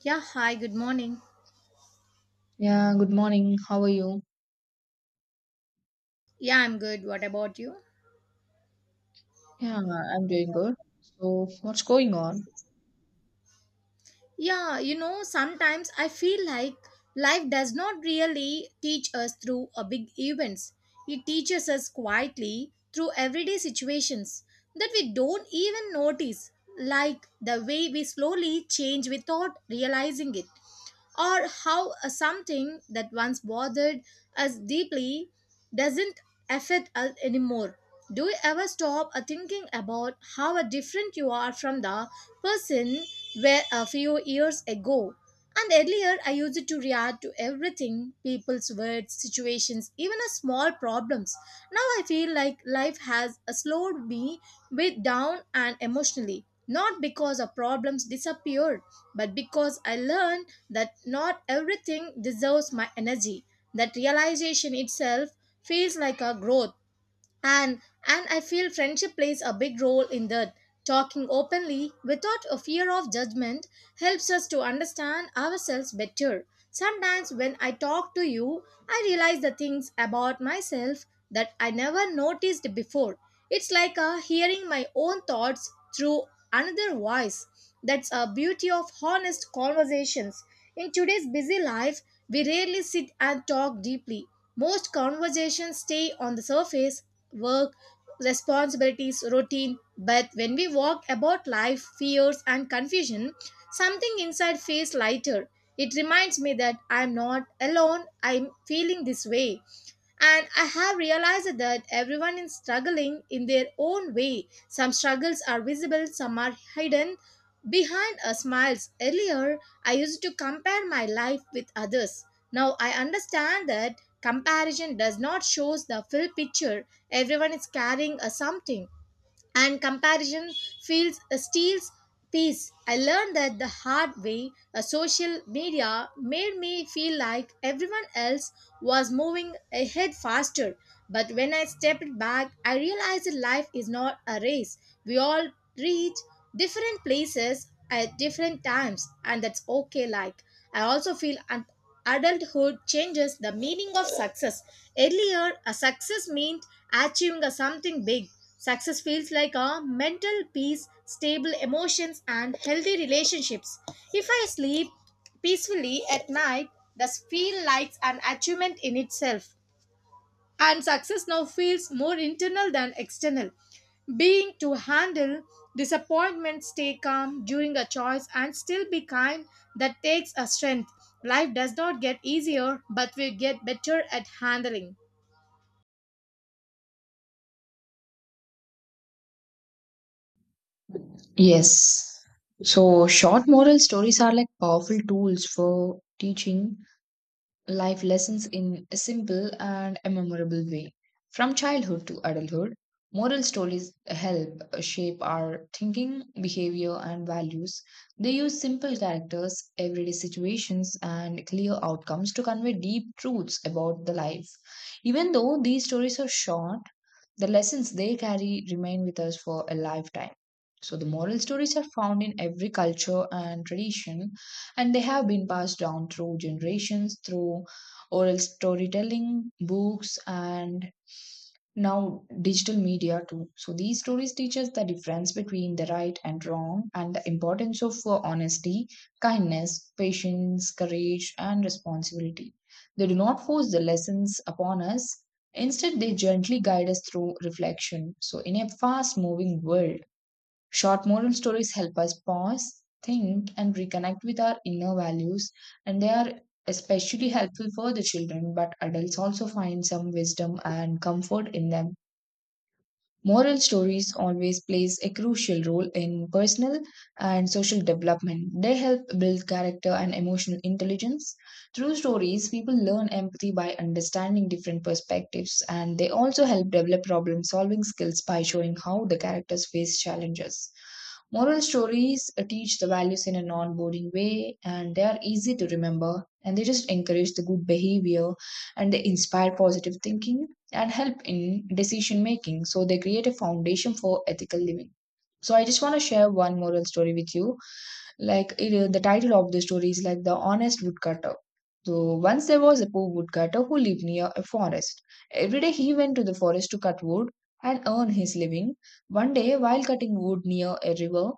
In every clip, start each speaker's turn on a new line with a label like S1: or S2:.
S1: Yeah, hi, good morning.
S2: Yeah, good morning. How are you?
S1: Yeah, I'm good. What about you?
S2: Yeah, I'm doing good. So, what's going on?
S1: Yeah, you know, sometimes I feel like life does not really teach us through a big events. It teaches us quietly through everyday situations that we don't even notice, like the way we slowly change without realizing it. Or how a something that once bothered us deeply doesn't affect us anymore. Do you ever stop thinking about how different you are from the person where a few years ago? And earlier, I used to react to everything people's words, situations, even a small problems. Now I feel like life has slowed me bit down and emotionally. Not because our problems disappeared, but because I learned that not everything deserves my energy. That realization itself feels like a growth, and I feel friendship plays a big role in that. Talking openly without a fear of judgment helps us to understand ourselves better. Sometimes when I talk to you, I realize the things about myself that I never noticed before. It's like hearing my own thoughts through another voice. That's a beauty of honest conversations. In today's busy life, we rarely sit and talk deeply. Most conversations stay on the surface, work, responsibilities, routine. But when we walk about life, fears, and confusion, something inside feels lighter. It reminds me that I'm not alone, I'm feeling this way. And I have realized that everyone is struggling in their own way. Some struggles are visible, some are hidden, behind a smiles. Earlier, I used to compare my life with others. Now I understand that comparison does not shows the full picture. Everyone is carrying a something and comparison feels, steals peace. I learned that the hard way. A social media made me feel like everyone else was moving ahead faster, but when I stepped back, I realized that life is not a race. We all reach different places at different times, and that's okay. Like, I also feel adulthood changes the meaning of success. Earlier, a success meant achieving a something big. Success feels like a mental peace, stable emotions, and healthy relationships. If I sleep peacefully at night, this feel like an achievement in itself. And success now feels more internal than external. Being to handle disappointment, stay calm during a choice, and still be kind, that takes a strength. Life does not get easier, but we get better at handling.
S2: Yes. So, short moral stories are like powerful tools for teaching life lessons in a simple and a memorable way. From childhood to adulthood, moral stories help shape our thinking, behavior, and values. They use simple characters, everyday situations, and clear outcomes to convey deep truths about the life. Even though these stories are short, the lessons they carry remain with us for a lifetime. So, the moral stories are found in every culture and tradition, and they have been passed down through generations through oral storytelling, books, and now digital media too. So these stories teach us the difference between the right and wrong, and the importance of honesty, kindness, patience, courage, and responsibility. They do not force the lessons upon us; instead, they gently guide us through reflection. So in a fast moving world, short moral stories help us pause, think, and reconnect with our inner values, and they are especially helpful for the children, but adults also find some wisdom and comfort in them. Moral stories always plays a crucial role in personal and social development. They help build character and emotional intelligence. Through stories, people learn empathy by understanding different perspectives, and they also help develop problem solving skills by showing how the characters face challenges. Moral stories teach the values in a non boring way, and they are easy to remember, and they just encourage the good behavior, and they inspire positive thinking and help in decision making. So they create a foundation for ethical living. So I just want to share one moral story with you. Like it, the title of the story is like the honest woodcutter. So once there was a poor woodcutter who lived near a forest. Every day he went to the forest to cut wood and earn his living. One day, while cutting wood near a river,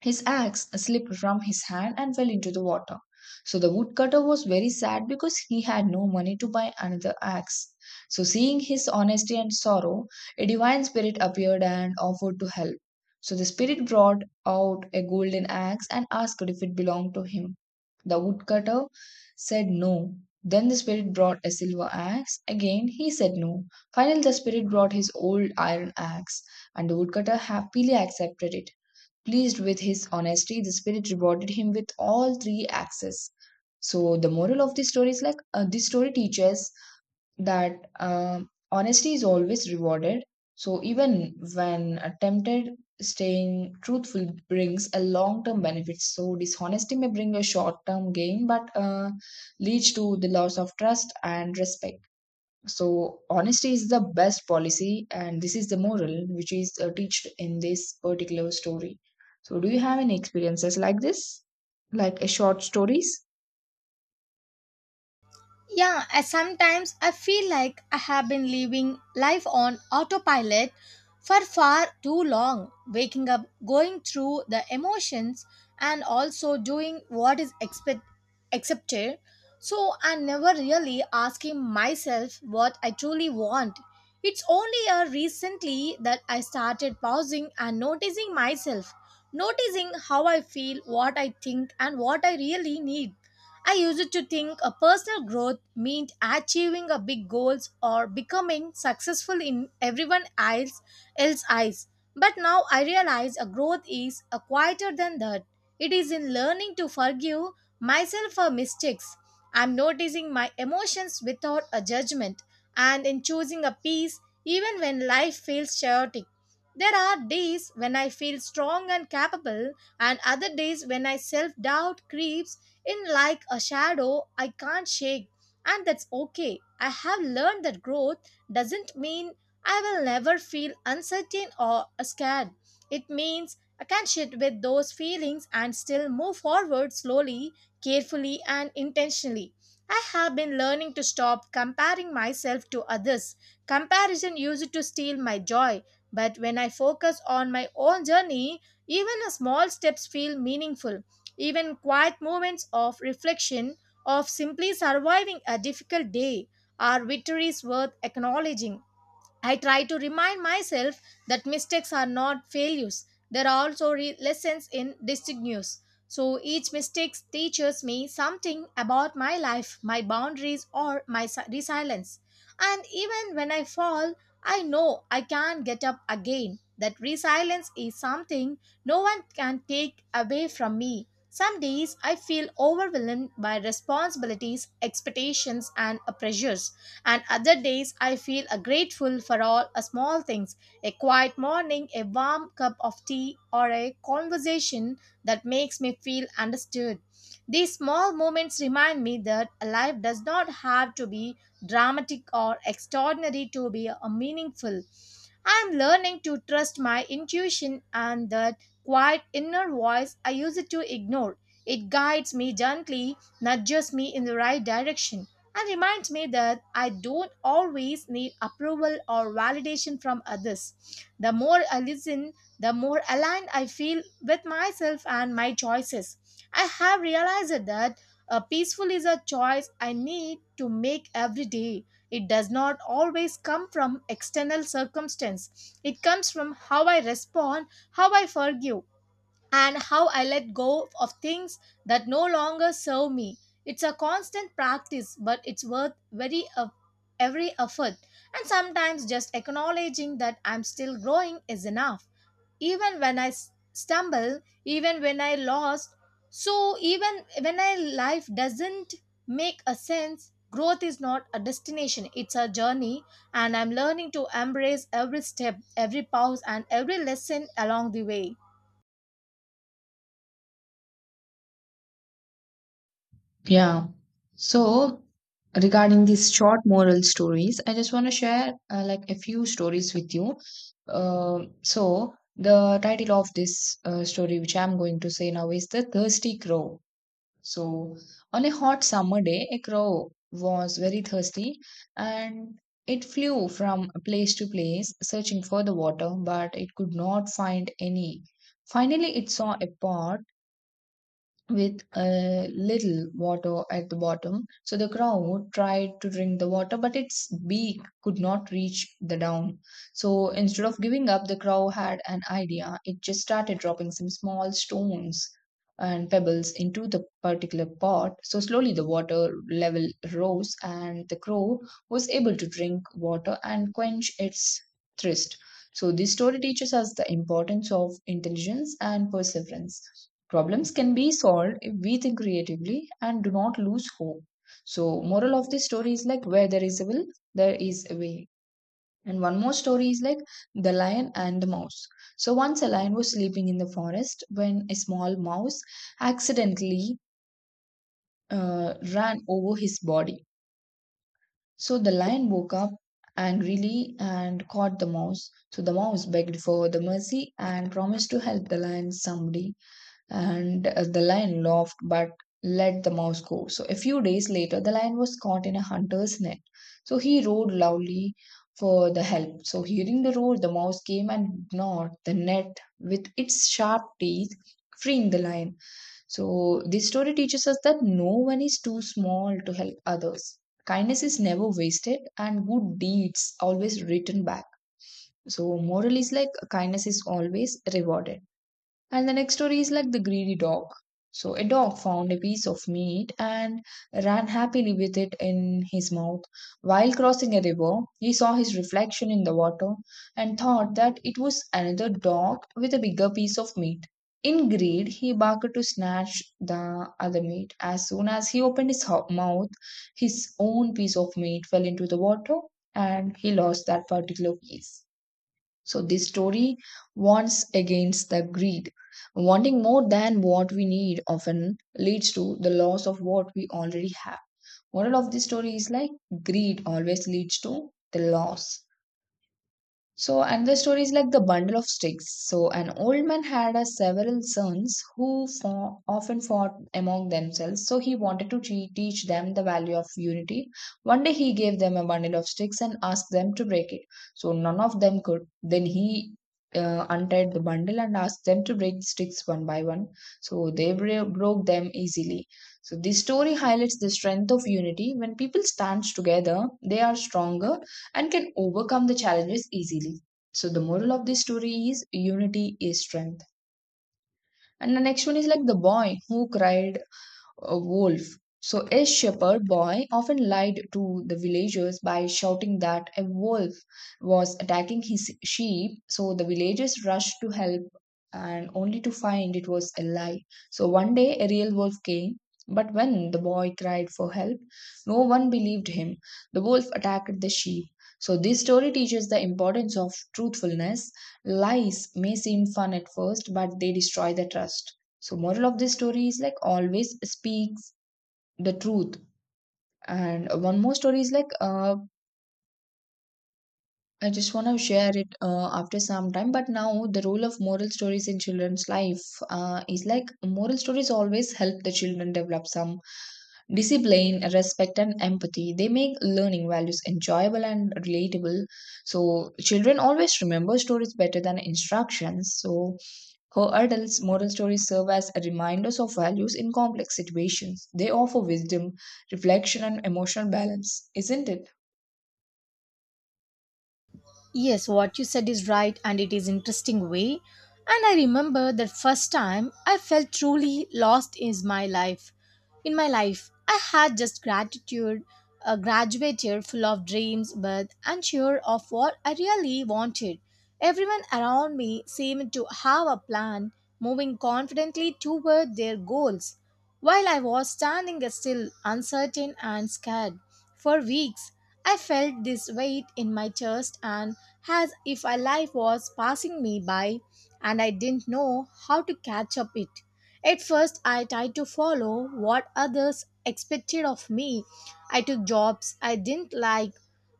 S2: his axe slipped from his hand and fell into the water. So the woodcutter was very sad because he had no money to buy another axe. So, seeing his honesty and sorrow, a divine spirit appeared and offered to help. So the spirit brought out a golden axe and asked if it belonged to him. The woodcutter said no. Then the spirit brought a silver axe. Again he said no. Finally, the spirit brought his old iron axe, and the woodcutter happily accepted it. Pleased with his honesty, the spirit rewarded him with all three axes. So, the moral of this story is like, this story teaches that honesty is always rewarded. So, even when attempted, staying truthful brings a long term benefit. So, dishonesty may bring a short term gain, but leads to the loss of trust and respect. So honesty is the best policy, and this is the moral which is taught in this particular story. So do you have any experiences like this, like a short stories?
S1: Yeah, I sometimes I feel like I have been living life on autopilot for far too long, waking up, going through the emotions, and also doing what is expect accepted. So I'm never really asking myself what I truly want. It's only a recently that I started pausing and noticing myself, noticing how I feel, what I think, and what I really need. I used to think a personal growth meant achieving a big goals or becoming successful in everyone else eyes. But now I realize a growth is a quieter than that. It is in learning to forgive myself for mistakes. I'm noticing my emotions without a judgment and in choosing a peace even when life feels chaotic. There are days when I feel strong and capable, and other days when I self doubt creeps in like a shadow I can't shake, and that's okay. I have learned that growth doesn't mean I will never feel uncertain or scared. It means I can sit with those feelings and still move forward slowly, carefully, and intentionally. I have been learning to stop comparing myself to others. Comparison used to steal my joy, but when I focus on my own journey, even a small steps feel meaningful. Even quiet moments of reflection, of simply surviving a difficult day, are victories worth acknowledging. I try to remind myself that mistakes are not failures. There are also lessons in distinguished. So each mistake teaches me something about my life, my boundaries, or my resilience. And even when I fall, I know I can get up again. That resilience is something no one can take away from me. Some days I feel overwhelmed by responsibilities, expectations, and pressures, and other days I feel grateful for all small things, a quiet morning, a warm cup of tea, or a conversation that makes me feel understood. These small moments remind me that life does not have to be dramatic or extraordinary to be meaningful. I'm learning to trust my intuition and that quiet inner voice I used to ignore. It guides me gently, nudges me in the right direction, and reminds me that I don't always need approval or validation from others. The more I listen, the more aligned I feel with myself and my choices. I have realized that a peaceful is a choice I need to make every day. It does not always come from external circumstance. It comes from how I respond, how I forgive, and how I let go of things that no longer serve me. It's a constant practice, but it's worth every effort. And sometimes just acknowledging that I'm still growing is enough. Even when I stumble, even when I lost, so even when I life doesn't make a sense, growth is not a destination, it's a journey, and I'm learning to embrace every step, every pause, and every lesson along the way.
S2: Yeah. So regarding these short moral stories, I just want to share like a few stories with you. So the title of this story which I'm going to say now is the Thirsty Crow. So, on a hot summer day, a crow was very thirsty, and it flew from place to place searching for the water, but it could not find any. Finally, it saw a pot with a little water at the bottom. So the crow tried to drink the water, but its beak could not reach the down. So instead of giving up, the crow had an idea. It just started dropping some small stones and pebbles into the particular pot. So slowly the water level rose, and the crow was able to drink water and quench its thirst. So, this story teaches us the importance of intelligence and perseverance. Problems can be solved if we think creatively and do not lose hope. So, moral of this story is like, where there is a will, there is a way. And one more story is like the lion and the mouse. So once a lion was sleeping in the forest when a small mouse accidentally ran over his body. So the lion woke up angrily and caught the mouse. So the mouse begged for the mercy and promised to help the lion someday. And the lion laughed but let the mouse go. So a few days later, the lion was caught in a hunter's net. So he roared loudly for the help. So hearing the roar, the mouse came and gnawed the net with its sharp teeth, freeing the lion. So this story teaches us that no one is too small to help others. Kindness is never wasted, and good deeds always return back. So moral is like kindness is always rewarded. And the next story is like the greedy dog. So a dog found a piece of meat and ran happily with it in his mouth. While crossing a river, he saw his reflection in the water and thought that it was another dog with a bigger piece of meat. In greed, he barked to snatch the other meat. As soon as he opened his mouth, his own piece of meat fell into the water and he lost that particular piece. So this story warns against the greed. Wanting more than what we need often leads to the loss of what we already have. Moral of this story is like greed always leads to the loss. So another story is like the bundle of sticks. So an old man had a several sons who often fought among themselves. So he wanted to teach them the value of unity. One day he gave them a bundle of sticks and asked them to break it. So none of them could. Then he untied the bundle and asked them to break the sticks one by one. So they broke them easily. So this story highlights the strength of unity. When people stand together, they are stronger and can overcome the challenges easily. So the moral of this story is unity is strength. And the next one is like the boy who cried a wolf. So a shepherd boy often lied to the villagers by shouting that a wolf was attacking his sheep. So the villagers rushed to help and only to find it was a lie. So one day a real wolf came, but when the boy cried for help, no one believed him. The wolf attacked the sheep. So this story teaches the importance of truthfulness. Lies may seem fun at first, but they destroy the trust. So moral of this story is like, always speaks the truth. And one more story is like, I just want to share it after some time. But now the role of moral stories in children's life is like, moral stories always help the children develop some discipline, respect, and empathy. They make learning values enjoyable and relatable. So children always remember stories better than instructions. So for adults, moral stories serve as reminders of values in complex situations. They offer wisdom, reflection, and emotional balance, isn't it?
S1: Yes, what you said is right and it is interesting way. And I remember that first time I felt truly lost is my life. In my life, I had just gratitude, a graduate year full of dreams, but unsure of what I really wanted. Everyone around me seemed to have a plan, moving confidently toward their goals, while I was standing still, uncertain and scared. For weeks, I felt this weight in my chest and as if a life was passing me by and I didn't know how to catch up it. At first, I tried to follow what others expected of me. I took jobs I didn't like.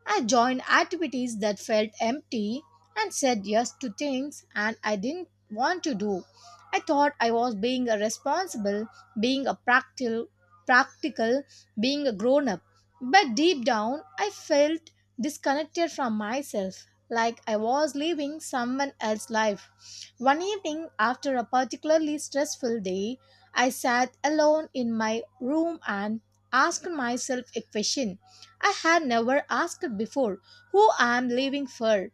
S1: I joined activities that felt empty and said yes to things and I didn't want to do. I thought I was being a responsible, being a practical, being a grown up. But deep down, I felt disconnected from myself like I was living someone else's life. One evening, after a particularly stressful day, I sat alone in my room and asked myself a question I had never asked before, who I am living for.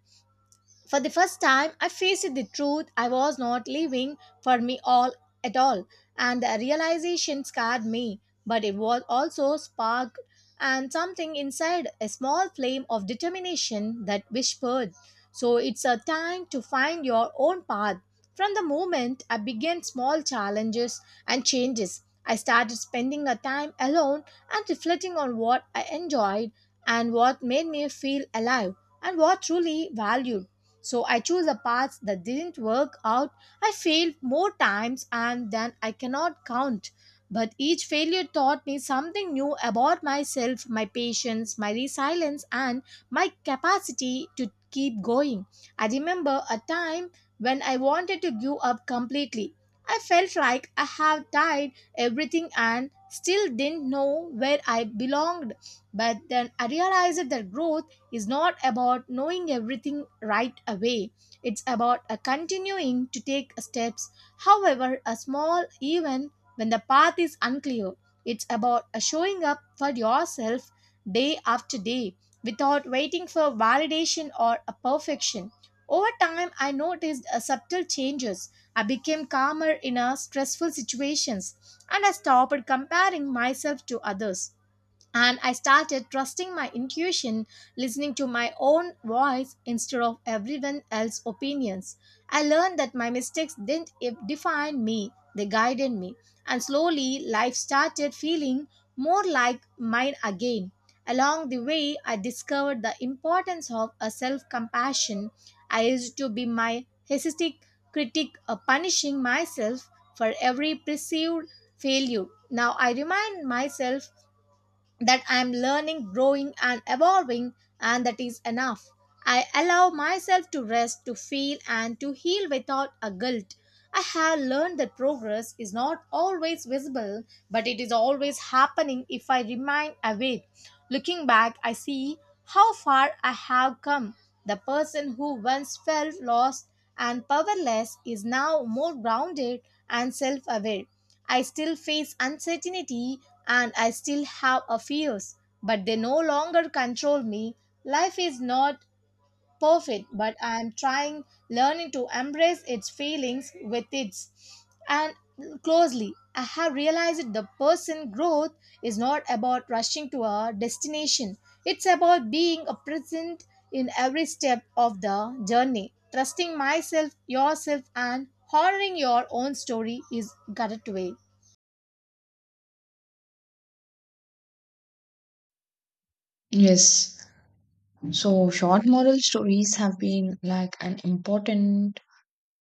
S1: For the first time, I faced the truth I was not living for me all at all, and the realization scarred me, but it was also sparked and something inside a small flame of determination that whispered, so it's a time to find your own path. From the moment I began small challenges and changes, I started spending a time alone and reflecting on what I enjoyed and what made me feel alive and what truly valued. So I chose a path that didn't work out. I failed more times and than I cannot count. But each failure taught me something new about myself, my patience, my resilience, and my capacity to keep going. I remember a time when I wanted to give up completely. I felt like I had tried everything and still didn't know where I belonged. But then I realized that growth is not about knowing everything right away. It's about a continuing to take steps, however, a small, even when the path is unclear. It's about a showing up for yourself day after day without waiting for validation or a perfection. Over time, I noticed a subtle changes. I became calmer in a stressful situations and I stopped comparing myself to others and I started trusting my intuition, listening to my own voice instead of everyone else's opinions. I learned that my mistakes didn't define me, they guided me. And slowly, life started feeling more like mine again. Along the way, I discovered the importance of a self compassion. I used to be my hesitic critic, punishing myself for every perceived failure. Now I remind myself that I'm learning, growing, and evolving, and that is enough. I allow myself to rest, to feel, and to heal without a guilt. I have learned that progress is not always visible, but it is always happening if I remain awake. Looking back, I see how far I have come. The person who once felt lost and powerless is now more grounded and self aware. I still face uncertainty and I still have a fears, but they no longer control me. Life is not perfect, but I am trying learning to embrace its feelings with its and closely. I have realized the person growth is not about rushing to a destination. It's about being a present in every step of the journey. Trusting myself, yourself, and honoring your own story is correct way.
S2: Yes. So, short moral stories have been like an important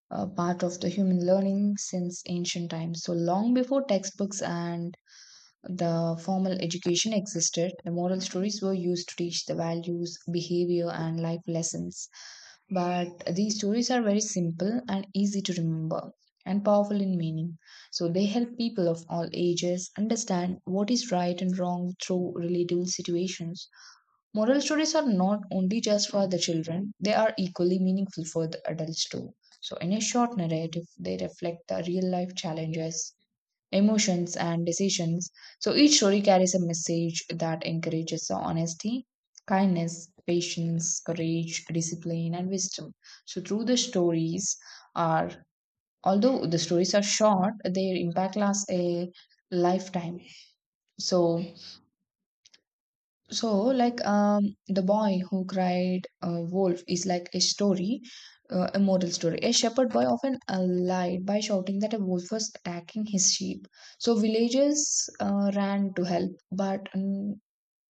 S2: part of the human learning since ancient times. So, long before textbooks and the formal education existed, the moral stories were used to teach the values, behavior, and life lessons. But these stories are very simple and easy to remember and powerful in meaning. So they help people of all ages understand what is right and wrong through relatable situations. Moral stories are not only just for the children, they are equally meaningful for the adults too. So, in a short narrative, they reflect the real life challenges, emotions, and decisions. So each story carries a message that encourages the honesty, kindness, patience, courage, discipline, and wisdom. So through the stories are although the stories are short, their impact lasts a lifetime. So so, like, the boy who cried wolf is like a story, a moral story. A shepherd boy often lied by shouting that a wolf was attacking his sheep. So, villagers ran to help, but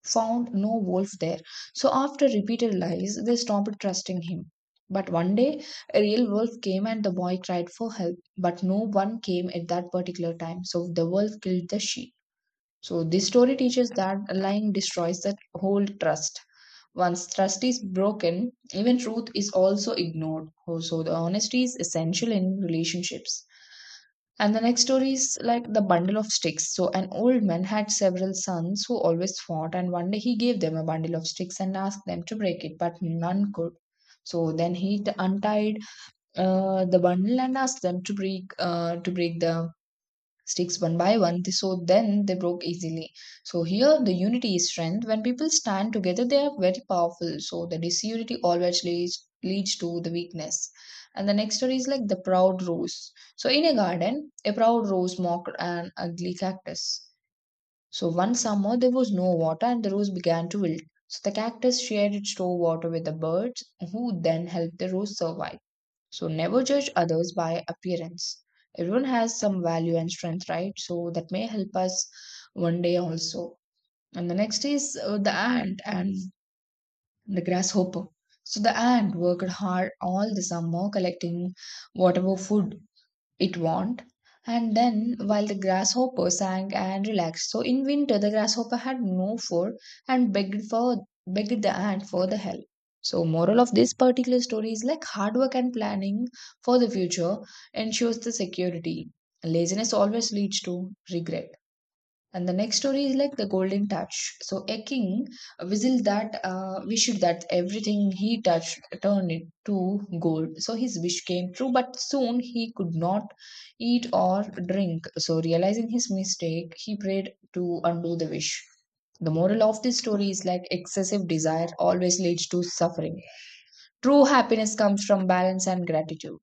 S2: found no wolf there. So, after repeated lies, they stopped trusting him. But one day, a real wolf came and the boy cried for help, but no one came at that particular time. So, the wolf killed the sheep. So this story teaches that lying destroys that whole trust. Once trust is broken, even truth is also ignored. Oh, so the honesty is essential in relationships. And the next story is like the bundle of sticks. So an old man had several sons who always fought, and one day he gave them a bundle of sticks and asked them to break it, but none could. So then untied the bundle and asked them to break to break the sticks one by one so then they broke easily. So here the unity is strength. When people stand together they are very powerful, so the disunity always leads to the weakness. And the next story is like the proud rose. So in a garden a proud rose mocked an ugly cactus. So one summer there was no water and the rose began to wilt. So the cactus shared its store water with the birds who then helped the rose survive. So never judge others by appearance. Everyone has some value and strength, right? So that may help us one day also. And the next is the ant and the grasshopper. So the ant worked hard all the summer collecting whatever food it won't. And then, while the grasshopper sang and relaxed, so in winter the grasshopper had no food and begged the ant for the help. So, moral of this particular story is like hard work and planning for the future ensures the security. Laziness always leads to regret. And the next story is like the golden touch. So a king whistled that wished that everything he touched turned it to gold. So his wish came true, but soon he could not eat or drink. So realizing his mistake, he prayed to undo the wish. The moral of this story is like excessive desire always leads to suffering. True happiness comes from balance and gratitude.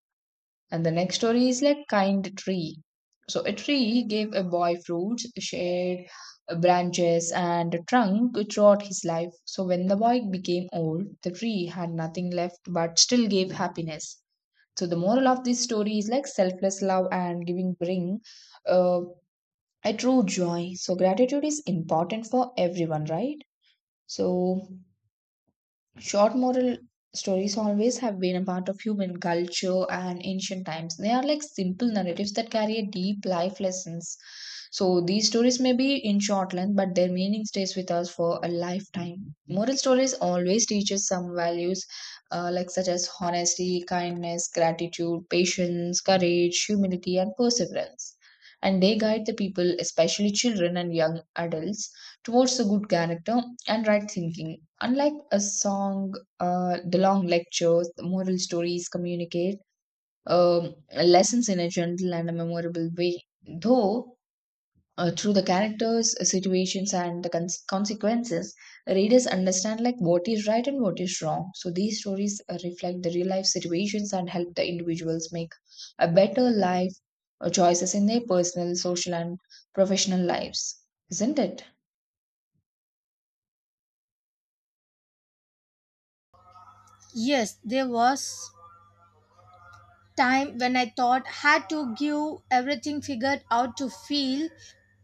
S2: And the next story is like Kind Tree. So a tree gave a boy fruits, shade, branches, and a trunk throughout his life. So when the boy became old, the tree had nothing left but still gave happiness. So the moral of this story is like selfless love and giving bring uh, a true joy. So gratitude is important for everyone, right? So short moral stories always have been a part of human culture and ancient times. They are like simple narratives that carry a deep life lessons. So these stories may be in short length, but their meaning stays with us for a lifetime. Moral stories always teach us some values, such as honesty, kindness, gratitude, patience, courage, humility, and perseverance. And they guide the people, especially children and young adults, towards a good character and right thinking. Unlike a song, the long lectures, the moral stories communicate lessons in a gentle and a memorable way. Though, through the characters, situations, and the consequences, readers understand like what is right and what is wrong. So these stories reflect the real life situations and help the individuals make a better life choices in their personal, social, and professional lives. Isn't it?
S1: Yes, there was time when I thought had to give everything figured out to feel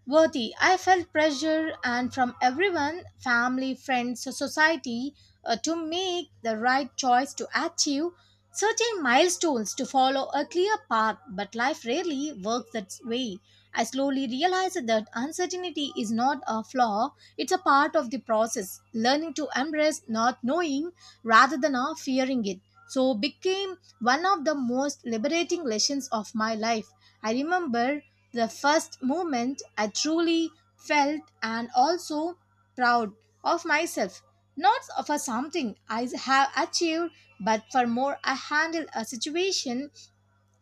S1: worthy. I felt pressure and from everyone, family, friends, society, to make the right choice to achieve certain milestones to follow a clear path, but life rarely works that way. I slowly realized that uncertainty is not a flaw, it's a part of the process, learning to embrace not knowing rather than fearing it. So became one of the most liberating lessons of my life. I remember the first moment I truly felt and also proud of myself, not for something I have achieved, but for more I handled a situation.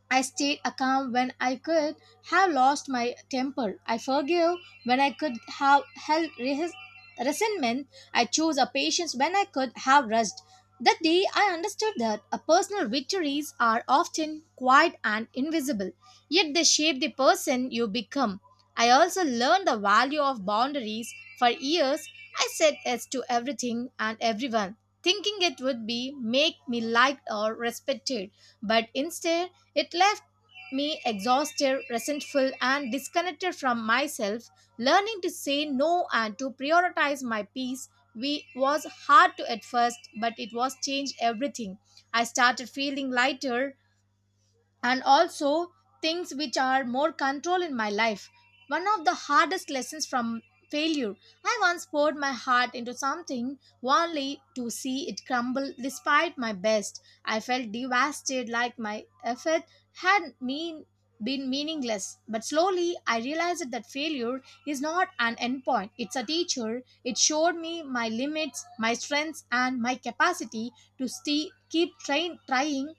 S1: I stayed calm when I could have lost my temper. I forgive when I could have held resentment. I chose a patience when I could have rushed. That day, I understood that a personal victories are often quiet and invisible, yet they shape the person you become. I also learned the value of boundaries. For years, I said yes to everything and everyone, thinking it would be make me liked or respected. But instead, it left me exhausted, resentful, and disconnected from myself. Learning to say no and to prioritize my peace was hard to at first, but it was changed everything. I started feeling lighter, and also things which are more control in my life. One of the hardest lessons from failure. I once poured my heart into something only to see it crumble despite my best. I felt devastated like my effort had mean been meaningless, but slowly I realized that failure is not an endpoint, it's a teacher. It showed me my limits, my strengths, and my capacity to stay, keep trying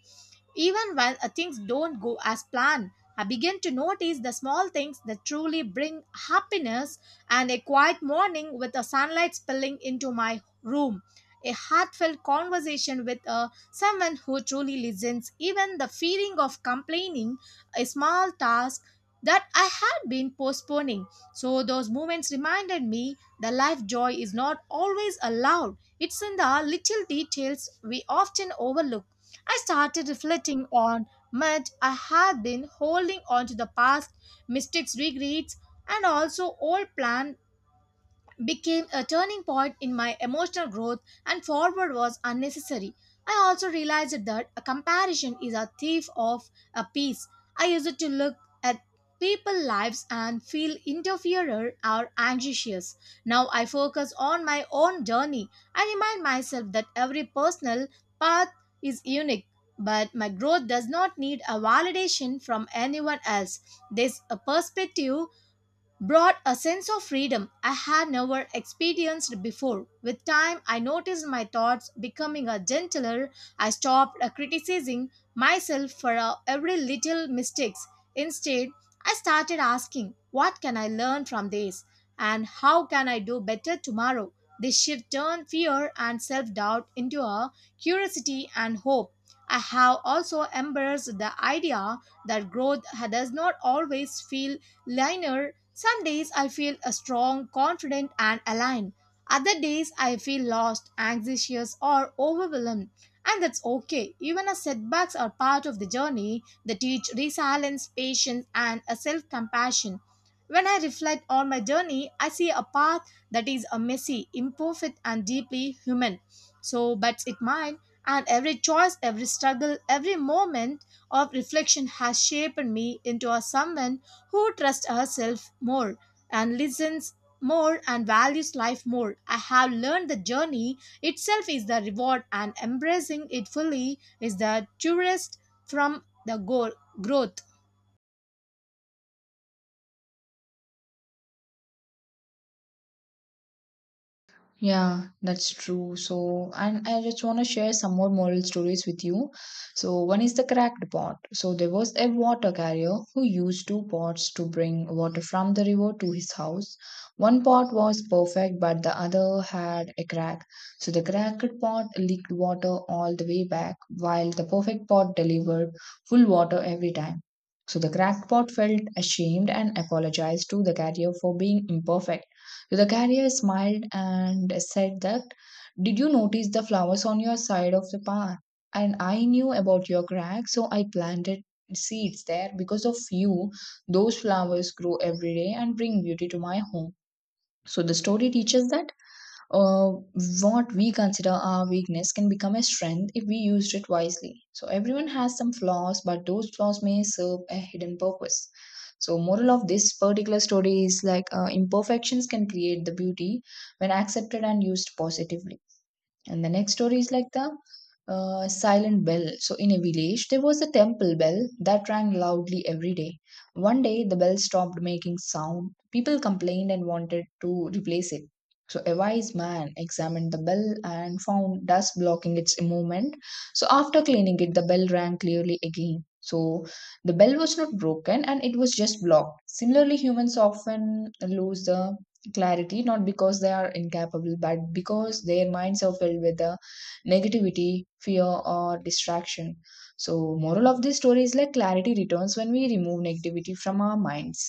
S1: even when things don't go as planned. I begin to notice the small things that truly bring happiness and a quiet morning with the sunlight spilling into my room. A heartfelt conversation with someone who truly listens, even the feeling of complaining, a small task that I had been postponing. So, those moments reminded me the life joy is not always allowed, it's in the little details we often overlook. I started reflecting on much I had been holding on to the past, mistakes, regrets, and also old plan became a turning point in my emotional growth and forward was unnecessary. I also realized that a comparison is a thief of a peace. I used to look at people's lives and feel interferer or anxious. Now I focus on my own journey. I remind myself that every personal path is unique, but my growth does not need a validation from anyone else. This perspective brought a sense of freedom I had never experienced before. With time, I noticed my thoughts becoming a gentler. I stopped criticizing myself for every little mistakes. Instead, I started asking, "What can I learn from this?" and "How can I do better tomorrow?" This shift turned fear and self-doubt into a curiosity and hope. I have also embraced the idea that growth does not always feel linear. Some days I feel strong, confident, and aligned. Other days I feel lost, anxious, or overwhelmed. And that's okay. Even as setbacks are part of the journey, they teach resilience, patience, and a self compassion. When I reflect on my journey, I see a path that is a messy, imperfect, and deeply human. So, but it mine, and every choice, every struggle, every moment of reflection has shaped me into a someone who trusts herself more and listens more and values life more. I have learned the journey itself is the reward and embracing it fully is the tourist from the goal growth.
S2: Yeah, that's true. So, and I just want to share some more moral stories with you. So, one is the cracked pot. So, there was a water carrier who used two pots to bring water from the river to his house. One pot was perfect, but the other had a crack. So, the cracked pot leaked water all the way back, while the perfect pot delivered full water every time. So, the cracked pot felt ashamed and apologized to the carrier for being imperfect. The carrier smiled and said that, "Did you notice the flowers on your side of the path? And I knew about your crack, so I planted seeds there. Because of you, those flowers grow every day and bring beauty to my home." So the story teaches that uh, what we consider our weakness can become a strength if we used it wisely. So everyone has some flaws, but those flaws may serve a hidden purpose. So moral of this particular story is like imperfections can create the beauty when accepted and used positively. And the next story is like the silent bell. So, in a village, there was a temple bell that rang loudly every day. One day, the bell stopped making sound. People complained and wanted to replace it. So, a wise man examined the bell and found dust blocking its movement. So, after cleaning it, the bell rang clearly again. So, the bell was not broken and it was just blocked. Similarly, humans often lose the clarity not because they are incapable but because their minds are filled with the negativity, fear or distraction. So moral of this story is like clarity returns when we remove negativity from our minds.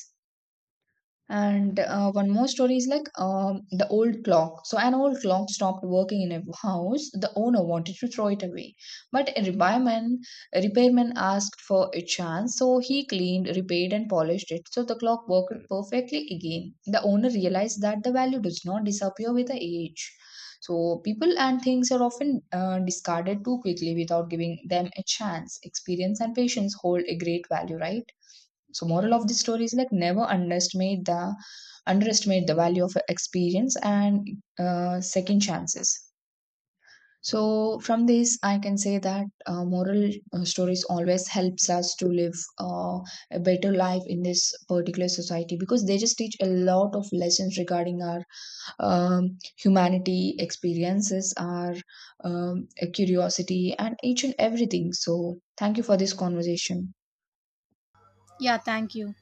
S2: And one more story is like the old clock. So, an old clock stopped working in a house. The owner wanted to throw it away, but a repairman asked for a chance. So, he cleaned, repaired, and polished it. So, the clock worked perfectly again. The owner realized that the value does not disappear with the age. So, people and things are often discarded too quickly without giving them a chance. Experience and patience hold a great value, right? So moral of the story is like never underestimate the value of experience and second chances. So from this, I can say that moral stories always helps us to live uh, a better life in this particular society because they just teach a lot of lessons regarding our humanity experiences, our um, curiosity, and each and everything. So thank you for this conversation.
S1: Yeah, thank you.